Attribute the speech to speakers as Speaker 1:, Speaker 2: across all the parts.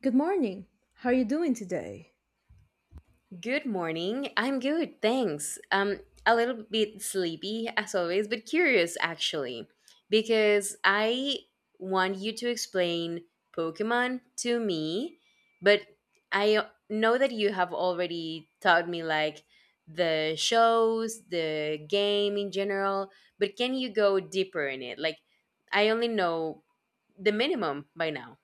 Speaker 1: Good morning. How are you doing today?
Speaker 2: Good morning. I'm good, thanks. A little bit sleepy as always, but curious actually, because I want you to explain Pokemon to me, but I know that you have already taught me like the shows, the game in general, but can you go deeper in it? Like, I only know the minimum by now.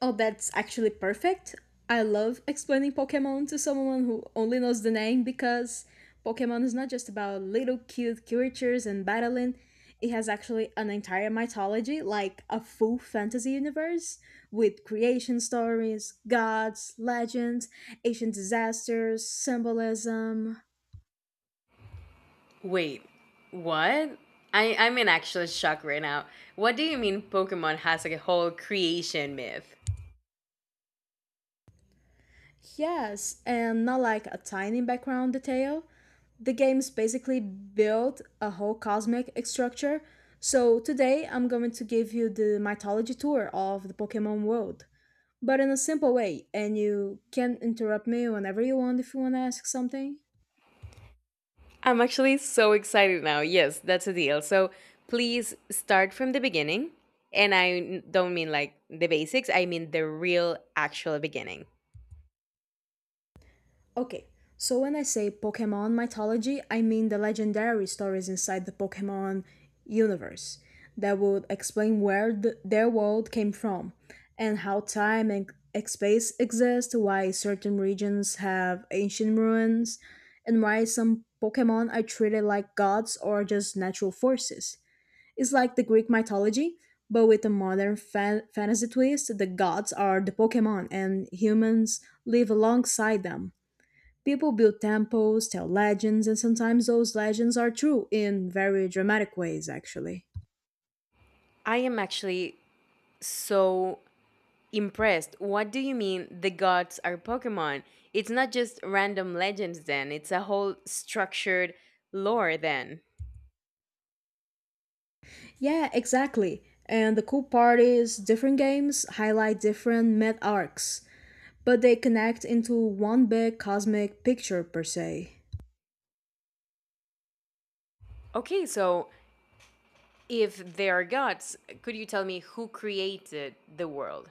Speaker 1: Oh, that's actually perfect. I love explaining Pokemon to someone who only knows the name because Pokemon is not just about little cute creatures and battling. It has actually an entire mythology, like a full fantasy universe with creation stories, gods, legends, ancient disasters, symbolism.
Speaker 2: Wait, what? I'm in actual shock right now. What do you mean Pokemon has like a whole creation myth?
Speaker 1: Yes, and not like a tiny background detail. The game's basically built a whole cosmic structure. So today I'm going to give you the mythology tour of the Pokemon world, but in a simple way, and you can interrupt me whenever you want if you want to ask something.
Speaker 2: I'm actually so excited now. Yes, that's a deal. So please start from the beginning. And don't mean like the basics, I mean the real actual beginning.
Speaker 1: Okay, so when I say Pokemon mythology, I mean the legendary stories inside the Pokemon universe that would explain where their world came from and how time and space exist, why certain regions have ancient ruins, and why some Pokemon are treated like gods or just natural forces. It's like the Greek mythology, but with a modern fantasy twist. The gods are the Pokemon, and humans live alongside them. People build temples, tell legends, and sometimes those legends are true in very dramatic ways, actually.
Speaker 2: I am actually so impressed. What do you mean the gods are Pokemon? It's not just random legends, then, it's a whole structured lore, then.
Speaker 1: Yeah, exactly. And the cool part is different games highlight different myth arcs, but they connect into one big cosmic picture per se.
Speaker 2: Okay, so if there are gods, could you tell me who created the world?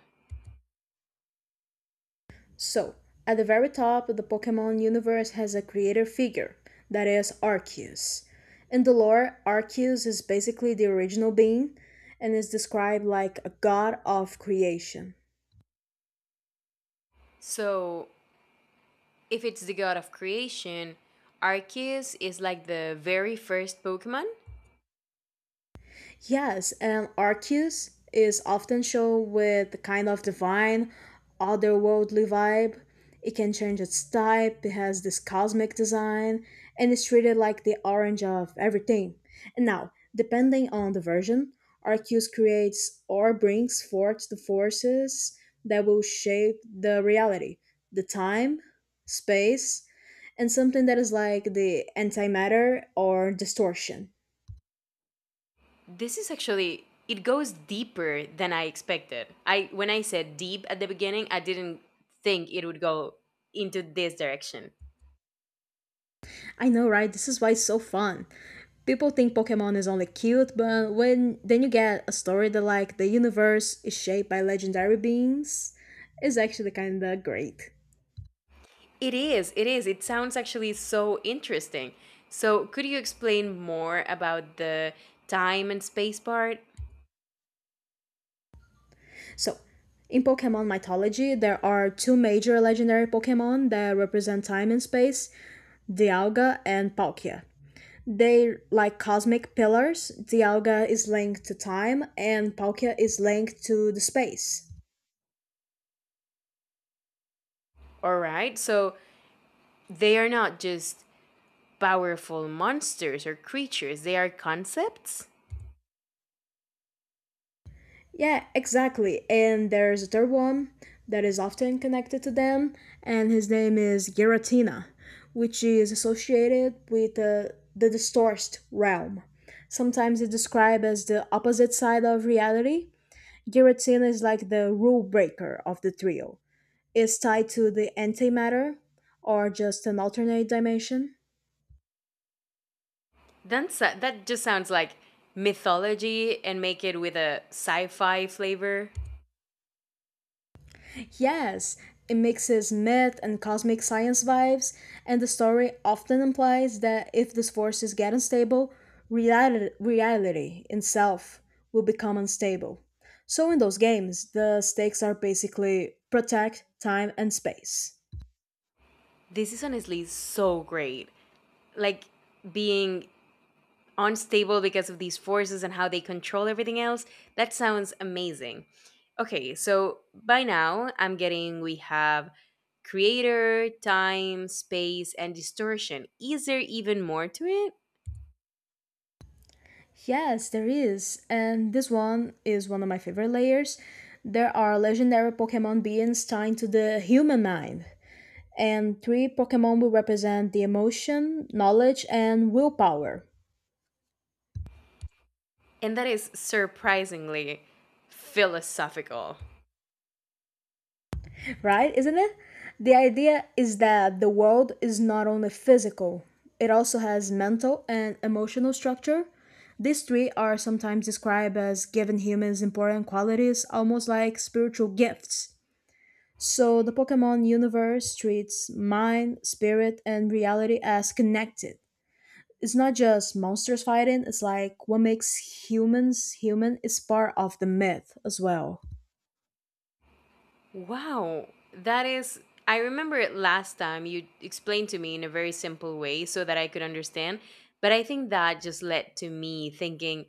Speaker 1: So, at the very top, the Pokemon universe has a creator figure, that is Arceus. In the lore, Arceus is basically the original being and is described like a god of creation.
Speaker 2: So, if it's the god of creation, Arceus is like the very first Pokemon.
Speaker 1: Yes, and Arceus is often shown with the kind of divine, otherworldly vibe. It can change its type, it has this cosmic design, and it's treated like the orange of everything. And now, depending on the version, Arceus creates or brings forth the forces that will shape the reality, the time, space, and something that is like the antimatter or distortion.
Speaker 2: This is actually it goes deeper than I expected. I when I said deep at the beginning, I didn't think it would go into this direction.
Speaker 1: I know, right? This is why it's so fun. People think Pokemon is only cute, but when then you get a story that like the universe is shaped by legendary beings, is actually kind of great.
Speaker 2: It is. It is. It sounds actually so interesting. So, could you explain more about the time and space part?
Speaker 1: So, in Pokemon mythology, there are two major legendary Pokemon that represent time and space, Dialga and Palkia. They like cosmic pillars. Dialga is linked to time and Palkia is linked to the space.
Speaker 2: All right. So, they are not just powerful monsters or creatures, they are concepts?
Speaker 1: Yeah, exactly. And there's a third one that is often connected to them, and his name is Giratina, which is associated with the distorted realm. Sometimes it's described as the opposite side of reality. Giratina is like the rule breaker of the trio. It's tied to the antimatter, or just an alternate dimension.
Speaker 2: That just sounds like mythology and make it with a sci fi flavor.
Speaker 1: Yes, it mixes myth and cosmic science vibes, and the story often implies that if these forces get unstable, reality itself will become unstable. So, in those games, the stakes are basically protect time and space.
Speaker 2: This is honestly so great. Like being unstable because of these forces and how they control everything else. That sounds amazing. Okay, so by now I'm getting we have creator, time, space, and distortion. Is there even more to it?
Speaker 1: Yes, there is. And this one is one of my favorite layers. There are legendary Pokemon beings tied to the human mind. And three Pokemon will represent the emotion, knowledge, and willpower,
Speaker 2: And that is surprisingly philosophical.
Speaker 1: right? Isn't it? The idea is that the world is not only physical, it also has mental and emotional structure. These three are sometimes described as giving humans important qualities, almost like spiritual gifts. So, the Pokemon universe treats mind, spirit, and reality as connected. It's not just monsters fighting, it's like what makes humans human is part of the myth as well.
Speaker 2: Wow. That is, I remember it last time you explained to me in a very simple way so that I could understand. But I think that just led to me thinking,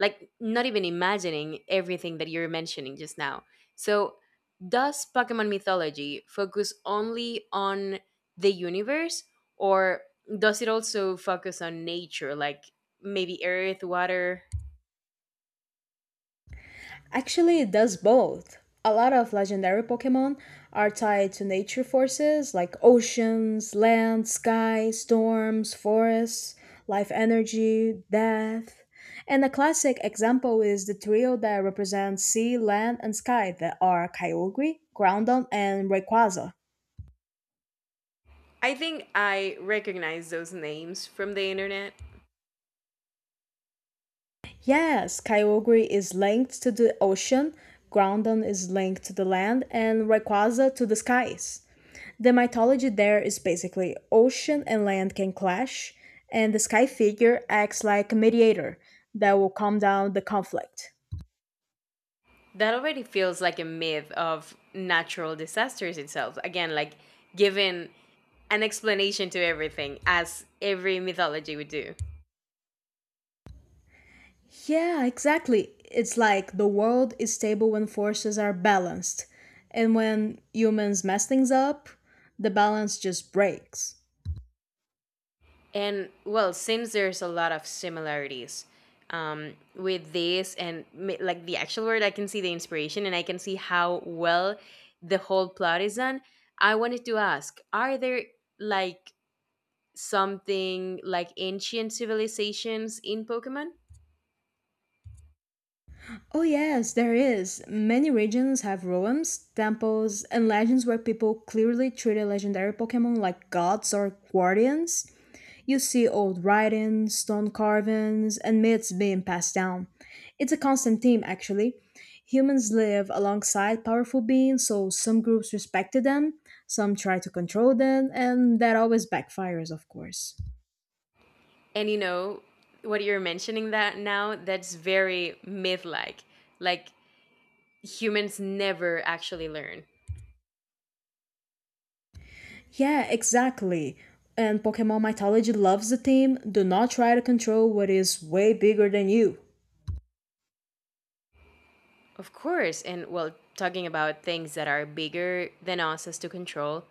Speaker 2: like, not even imagining everything that you're mentioning just now. So, does Pokemon mythology focus only on the universe or does it also focus on nature, like maybe earth, water,
Speaker 1: Actually, it does both. A lot of legendary Pokemon are tied to nature forces like oceans, land, sky, storms, forests, life energy, death. And a classic example is the trio that represents sea, land, and sky that are Kyogre, Groudon, and Rayquaza.
Speaker 2: I think I recognize those names from the internet.
Speaker 1: Yes, Kyogre is linked to the ocean, Groudon is linked to the land, and Rayquaza to the skies. The mythology there is basically ocean and land can clash, and the sky figure acts like a mediator that will calm down the conflict.
Speaker 2: That already feels like a myth of natural disasters itself. Again, like given an explanation to everything, as every mythology would do.
Speaker 1: Yeah, exactly. It's like the world is stable when forces are balanced, and when humans mess things up, the balance just breaks.
Speaker 2: And well, since there's a lot of similarities with this and like the actual word, I can see the inspiration and I can see how well the whole plot is done. I wanted to ask, are there like something like ancient civilizations in Pokemon.
Speaker 1: Oh yes, there is. Many regions have roams, temples, and legends where people clearly treated legendary Pokemon like gods or guardians. You see old writings, stone carvings, and myths being passed down. It's a constant theme, actually. Humans live alongside powerful beings, so some groups respected them, some try to control them, and that always backfires, of course.
Speaker 2: And you know, what you're mentioning that now, that's very myth like. Like humans never actually learn.
Speaker 1: Yeah, exactly. And Pokemon Mythology loves the theme do not try to control what is way bigger than you.
Speaker 2: Of course. And well, talking about things that are bigger than us as to control,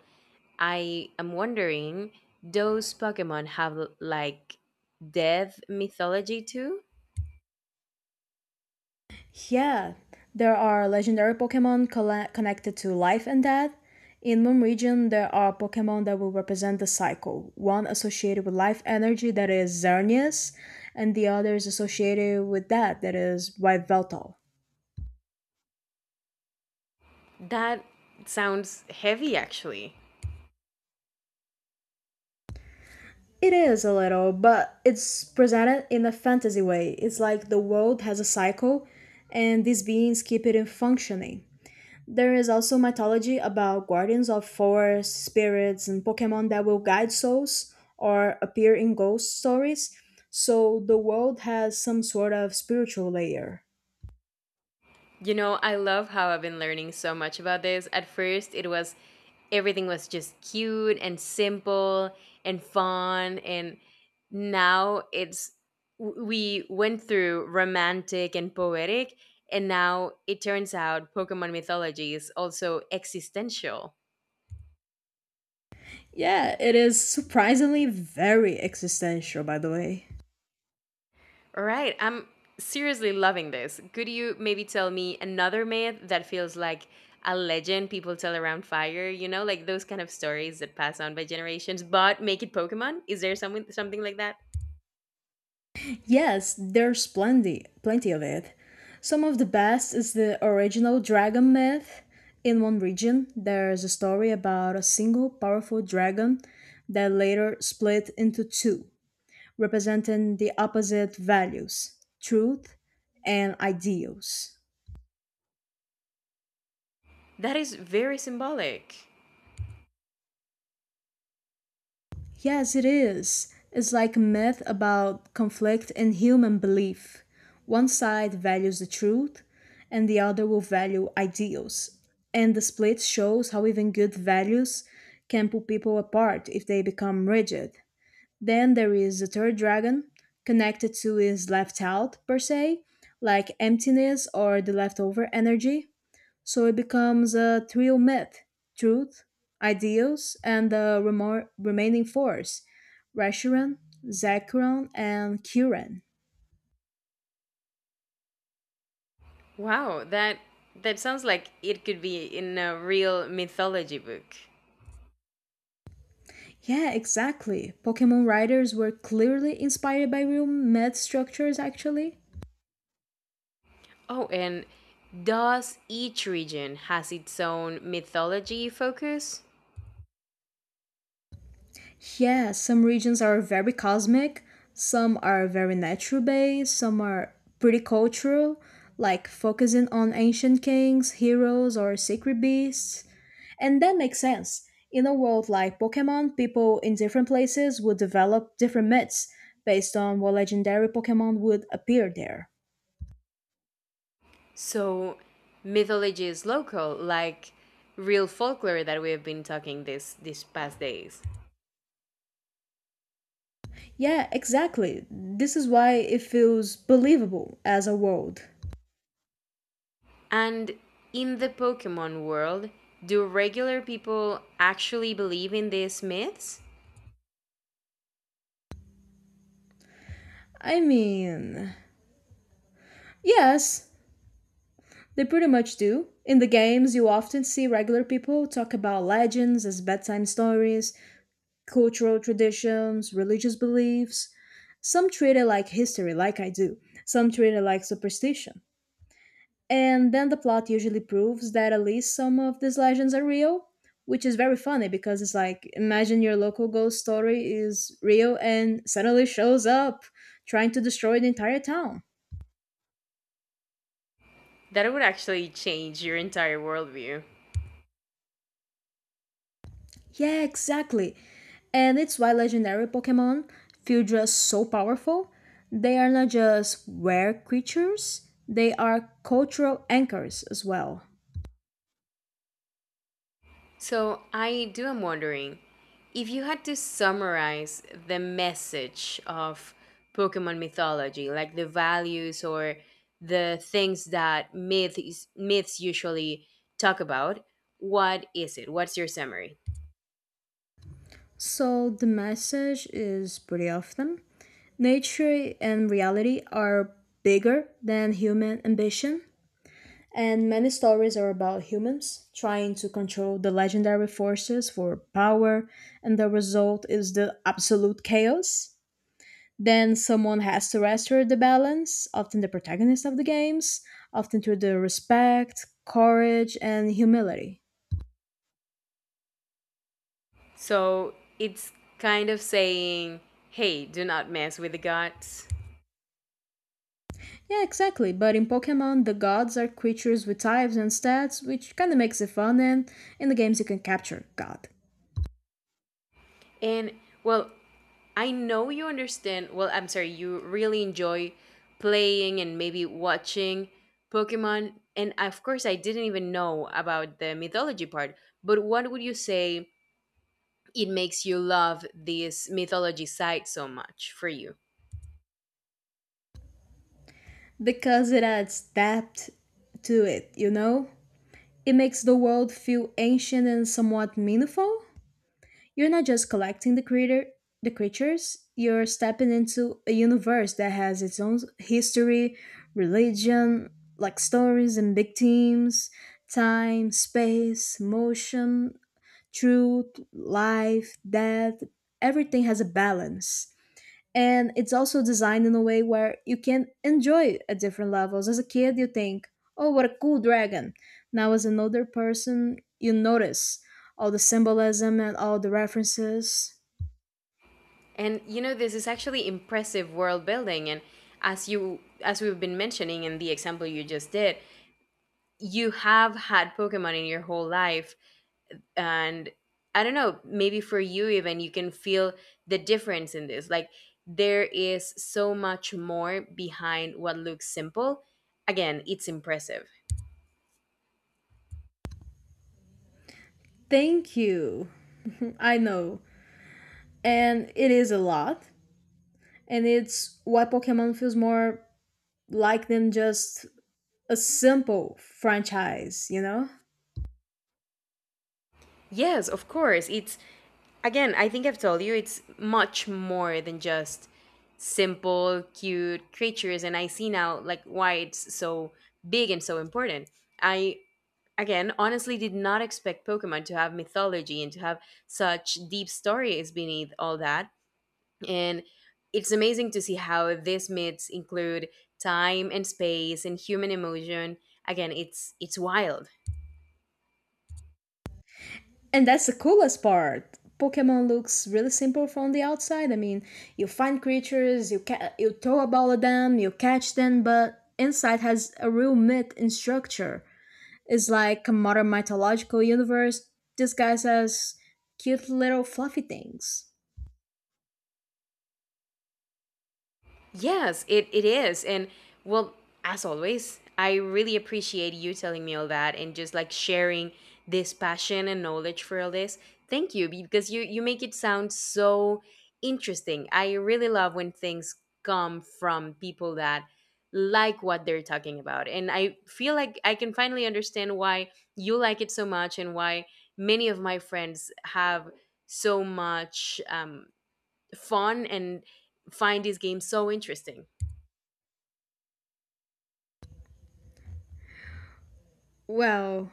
Speaker 2: I am wondering those Pokemon have like death mythology too?
Speaker 1: Yeah, there are legendary Pokemon connected to life and death. In one region, there are Pokemon that will represent the cycle. One associated with life energy, that is Xerneas, and the other is associated with death that is Yveltal.
Speaker 2: That sounds heavy actually.
Speaker 1: It is a little, but it's presented in a fantasy way. It's like the world has a cycle and these beings keep it in functioning. There is also mythology about guardians of forests, spirits, and Pokemon that will guide souls or appear in ghost stories. So the world has some sort of spiritual layer.
Speaker 2: You know, I love how I've been learning so much about this. At first, it was everything was just cute and simple and fun and now it's we went through romantic and poetic and now it turns out Pokemon mythology is also existential.
Speaker 1: Yeah, it is surprisingly very existential, by the way.
Speaker 2: All right. I'm seriously loving this. Could you maybe tell me another myth that feels like a legend people tell around fire, you know, like those kind of stories that pass on by generations, but make it Pokemon? Is there something like that?
Speaker 1: Yes, there's plenty of it. Some of the best is the original dragon myth. In one region, there's a story about a single powerful dragon that later split into two, representing the opposite values truth and ideals.
Speaker 2: That is very symbolic.
Speaker 1: Yes, it is. It's like a myth about conflict in human belief. One side values the truth, and the other will value ideals. And the split shows how even good values can pull people apart if they become rigid. Then there is the third dragon, connected to is left out, per se, like emptiness or the leftover energy. So it becomes a trio myth truth, ideals, and the remaining force Reshiram, Zekrom, and Kyurem.
Speaker 2: Wow, that sounds like it could be in a real mythology book.
Speaker 1: Yeah, exactly. Pokemon writers were clearly inspired by real myth structures, actually.
Speaker 2: Oh, and does each region has its own mythology focus?
Speaker 1: Yeah, some regions are very cosmic, some are very nature based, some are pretty cultural, like focusing on ancient kings, heroes, or secret beasts. And that makes sense. In a world like Pokemon, people in different places would develop different myths based on what legendary Pokemon would appear there.
Speaker 2: So mythology is local, like real folklore that we have been talking this these past days.
Speaker 1: Yeah, exactly. This is why it feels believable as a world.
Speaker 2: And in the Pokemon world, do regular people actually believe in these myths?
Speaker 1: I mean, yes, they pretty much do. In the games, you often see regular people talk about legends as bedtime stories, cultural traditions, religious beliefs. Some treat it like history, like I do. Some treat it like superstition. And then the plot usually proves that at least some of these legends are real, which is very funny because it's like imagine your local ghost story is real and suddenly shows up trying to destroy the entire town.
Speaker 2: That would actually change your entire worldview.
Speaker 1: Yeah, exactly. And it's why legendary Pokemon feel just so powerful. They are not just rare creatures, they are cultural anchors as well.
Speaker 2: So I do am wondering if you had to summarize the message of Pokemon mythology, like the values or the things that myths usually talk about, what is it? What's your summary?
Speaker 1: So the message is pretty often nature and reality are bigger than human ambition. And many stories are about humans trying to control the legendary forces for power, and the result is the absolute chaos. Then someone has to restore the balance, often the protagonist of the games, often through the respect, courage, and humility.
Speaker 2: So it's kind of saying, "Hey, do not mess with the gods."
Speaker 1: Yeah, exactly. But in Pokemon, the gods are creatures with types and stats, which kind of makes it fun, and in the games, you can capture God.
Speaker 2: And well, I know you understand. Well, I'm sorry, you really enjoy playing and maybe watching Pokemon. And of course, I didn't even know about the mythology part. But what would you say it makes you love this mythology side so much for you?
Speaker 1: Because it adds depth to it, you know? It makes the world feel ancient and somewhat meaningful. You're not just collecting the creator the creatures, you're stepping into a universe that has its own history, religion, like stories and big themes, time, space, motion, truth, life, death, everything has a balance and it's also designed in a way where you can enjoy it at different levels. As a kid you think, oh, what a cool dragon. Now as another person you notice all the symbolism and all the references.
Speaker 2: And you know, this is actually impressive world building. And as you, as we've been mentioning in the example you just did, you have had Pokemon in your whole life and I don't know, maybe for you even you can feel the difference in this, like there is so much more behind what looks simple. Again, it's impressive.
Speaker 1: Thank you. I know. And it is a lot. And it's why Pokemon feels more like than just a simple franchise, you know.
Speaker 2: Yes, of course it's, again, I think I've told you, it's much more than just simple cute creatures and I see now like why it's so big and so important. I again honestly did not expect Pokemon to have mythology and to have such deep stories beneath all that. And it's amazing to see how these myths include time and space and human emotion. Again, it's wild.
Speaker 1: And that's the coolest part. Pokemon looks really simple from the outside. I mean, you find creatures, you you throw a ball at them, you catch them, but inside has a real myth and structure. It's like a modern mythological universe disguised as cute little fluffy things.
Speaker 2: Yes, it is. And well, as always, I really appreciate you telling me all that and just like sharing this passion and knowledge for all this. Thank you because you make it sound so interesting. I really love when things come from people that like what they're talking about. And I feel like I can finally understand why you like it so much and why many of my friends have so much fun and find these games so interesting.
Speaker 1: Well,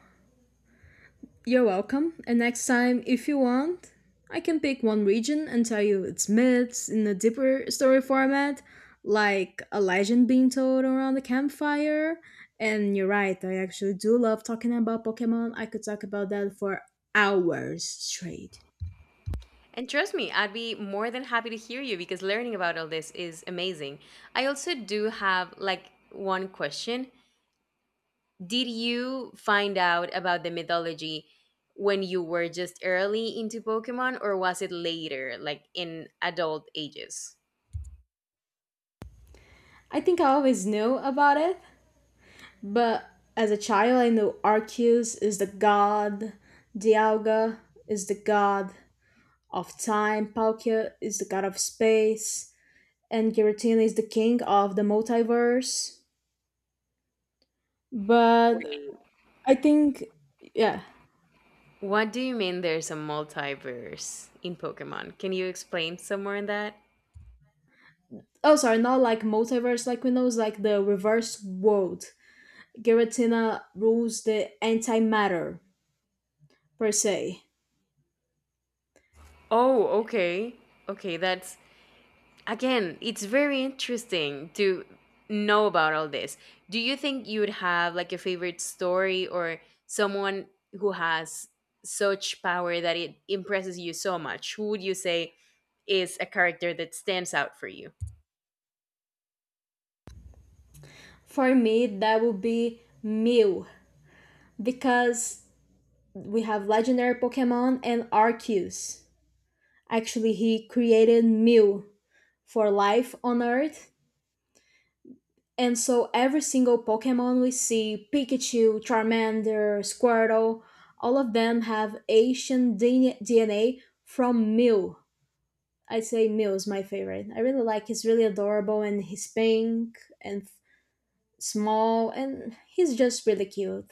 Speaker 1: you're welcome. And next time, if you want, I can pick one region and tell you its myths in a deeper story format, like a legend being told around the campfire. And you're right, I actually do love talking about Pokemon. I could talk about that for hours straight.
Speaker 2: And trust me, I'd be more than happy to hear you because learning about all this is amazing. I also do have like one question. Did you find out about the mythology when you were just early into Pokemon or was it later, like in adult ages?
Speaker 1: I think I always knew about it, but as a child, I knew Arceus is the god, Dialga is the god of time, Palkia is the god of space, and Giratina is the king of the multiverse. But
Speaker 2: Wait.
Speaker 1: I think, yeah.
Speaker 2: What do you mean there's a multiverse in Pokemon? Can you explain some more on that?
Speaker 1: Oh, sorry, not like multiverse like we know, it's like the reverse world. Giratina rules the antimatter, per se.
Speaker 2: Oh, okay. Okay, that's, again, it's very interesting to know about all this. Do you think you would have like a favorite story or someone who has such power that it impresses you so much? Who would you say is a character that stands out for you?
Speaker 1: For me, that would be Mew, because we have legendary Pokemon and Arceus. Actually, he created Mew for life on Earth. And so every single Pokemon we see, Pikachu, Charmander, Squirtle, all of them have Asian DNA from Mew. I'd say Mew is my favorite. I really like he's really adorable and he's pink and small and he's just really cute.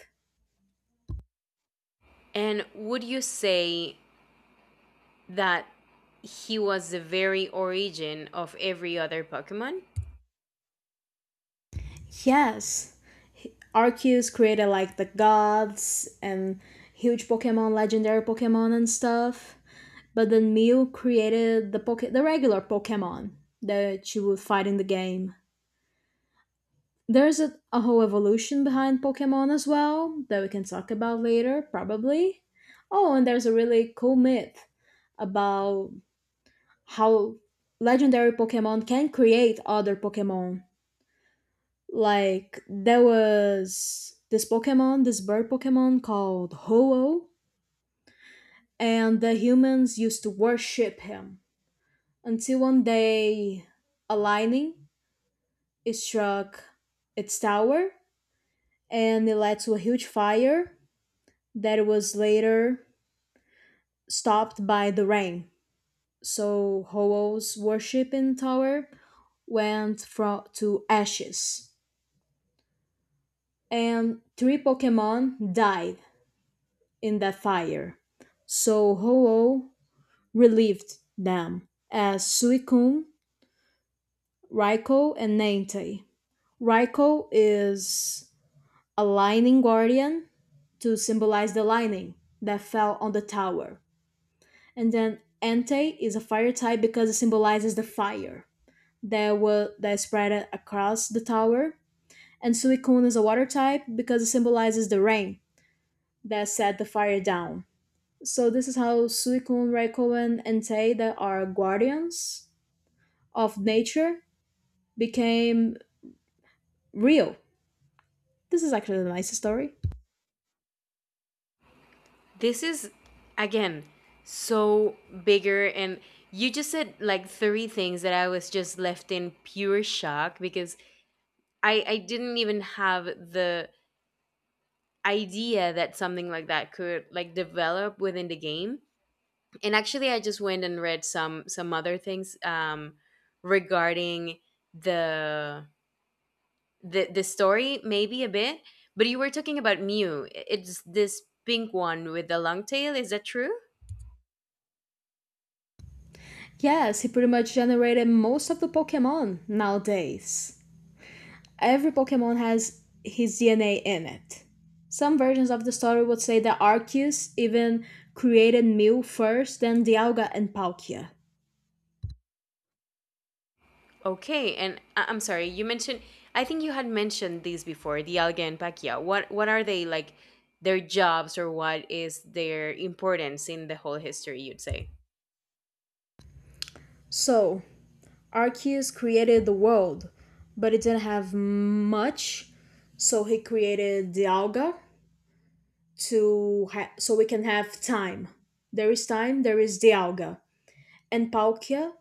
Speaker 2: And would you say that he was the very origin of every other Pokemon?
Speaker 1: Yes, Arceus created like the gods and huge Pokemon, legendary Pokemon and stuff. But then Mew created the the regular Pokemon that you would fight in the game. There's a whole evolution behind Pokemon as well that we can talk about later, probably. Oh, and there's a really cool myth about how legendary Pokemon can create other Pokemon. Like there was this Pokemon, this bird Pokemon called Ho-Oh, and the humans used to worship him until one day a lightning it struck its tower and it led to a huge fire that was later stopped by the rain. So Ho-Oh's worshiping tower went from to ashes and three Pokemon died in the fire. So Ho-Oh relieved them as Suicune, Raikou, and Entei. Raikou is a lightning guardian to symbolize the lightning that fell on the tower. And then Entei is a fire type because it symbolizes the fire that spread across the tower. And Suicune is a water type because it symbolizes the rain that set the fire down. So this is how Suicune, Raikkonen, and Taida, are guardians of nature, became real. This is actually the nicest story.
Speaker 2: This is, again, so bigger. And you just said like three things that I was just left in pure shock because I didn't even have the idea that something like that could like develop within the game. And actually, I just went and read some other things regarding the the story, maybe a bit. But you were talking about Mew. It's this pink one with the long tail. Is that true?
Speaker 1: Yes, he pretty much generated most of the Pokemon nowadays. Every Pokemon has his DNA in it. Some versions of the story would say that Arceus even created Mew first, then Dialga and Palkia.
Speaker 2: Okay, and I'm sorry, you mentioned, I think you had mentioned these before, the Alga and Pacquiao. What are they like their jobs or what is their importance in the whole history, you'd say?
Speaker 1: So, Arceus created the world, but it didn't have much, so he created Dialga so we can have time. There is time, there is Dialga and Palkia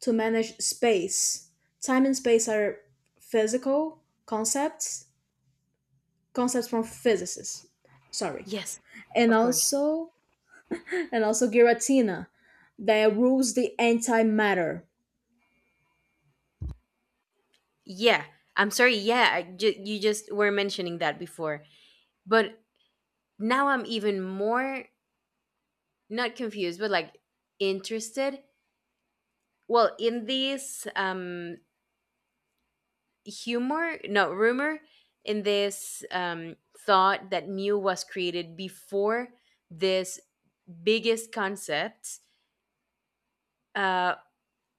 Speaker 1: to manage space. Time and space are physical concepts, concepts from physicists. Sorry,
Speaker 2: Yes,
Speaker 1: and
Speaker 2: of course.
Speaker 1: also and also Giratina that rules the antimatter.
Speaker 2: Yeah, I'm sorry. Yeah, you just were mentioning that before. But now I'm even more not confused, but like interested. Well, in these humor no rumor in this thought that mu was created before this biggest concept, uh,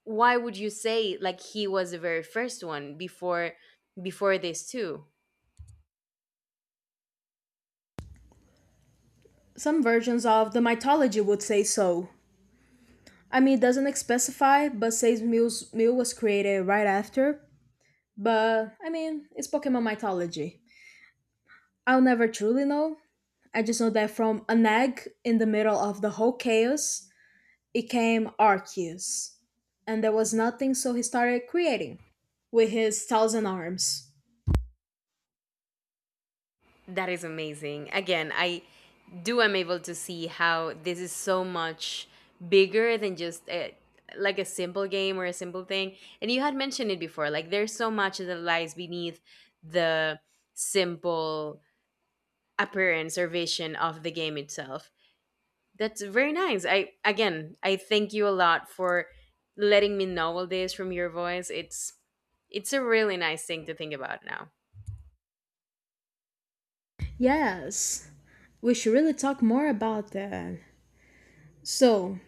Speaker 2: why would you say like he was the very first one before before this too.
Speaker 1: Some versions of the mythology would say so. I mean, it doesn't like specify, but says Mew was created right after. But I mean, it's Pokemon mythology. I'll never truly know. I just know that from an egg in the middle of the whole chaos, it came Arceus. And there was nothing, so he started creating with his thousand arms.
Speaker 2: That is amazing. Again, I do am able to see how this is so much bigger than just a, like a simple game or a simple thing, and you had mentioned it before like there's so much that lies beneath the simple appearance or vision of the game itself. That's very nice. I, again, I thank you a lot for letting me know all this from your voice. It's a really nice thing to think about now.
Speaker 1: Yes, we should really talk more about that. So,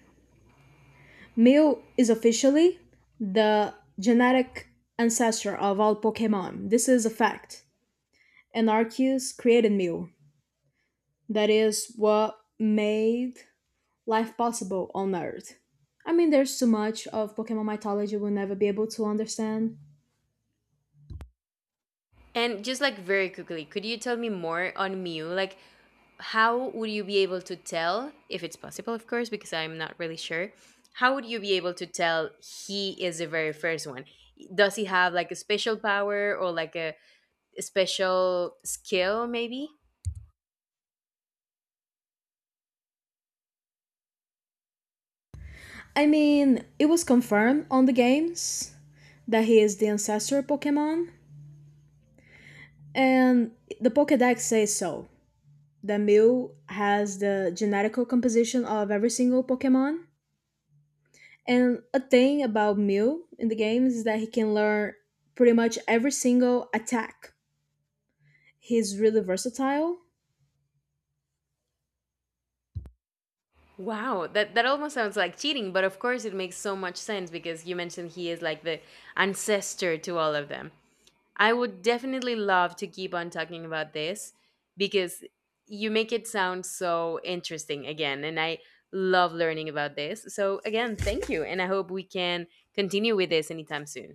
Speaker 1: Mew is officially the genetic ancestor of all Pokemon. This is a fact. Anarchists created meal. That is what made life possible on Earth. I mean, there's so much of Pokemon mythology we'll never be able to understand.
Speaker 2: And just like very quickly, could you tell me more on Mew? Like how would you be able to tell, if it's possible of course because I'm not really sure, how would you be able to tell he is the very first one? Does he have like a special power or like a special skill maybe?
Speaker 1: I mean, it was confirmed on the games that he is the ancestor Pokemon, and the Pokedex says so. That Mew has the genetical composition of every single Pokemon. And a thing about Mew in the games is that he can learn pretty much every single attack. He's really versatile.
Speaker 2: Wow, that almost sounds like cheating, but of course it makes so much sense because you mentioned he is like the ancestor to all of them. I would definitely love to keep on talking about this because you make it sound so interesting again, and I love learning about this. So again, thank you, and I hope we can continue with this anytime soon.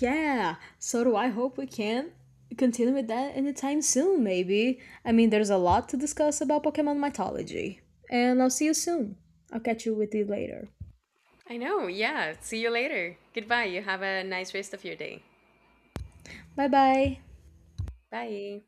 Speaker 1: Yeah, so do I hope we can continue with that anytime soon, maybe. I mean, there's a lot to discuss about Pokemon mythology. And I'll see you soon. I'll catch you with you later.
Speaker 2: I know, yeah. See you later. Goodbye. You have a nice rest of your day.
Speaker 1: Bye bye.
Speaker 2: Bye.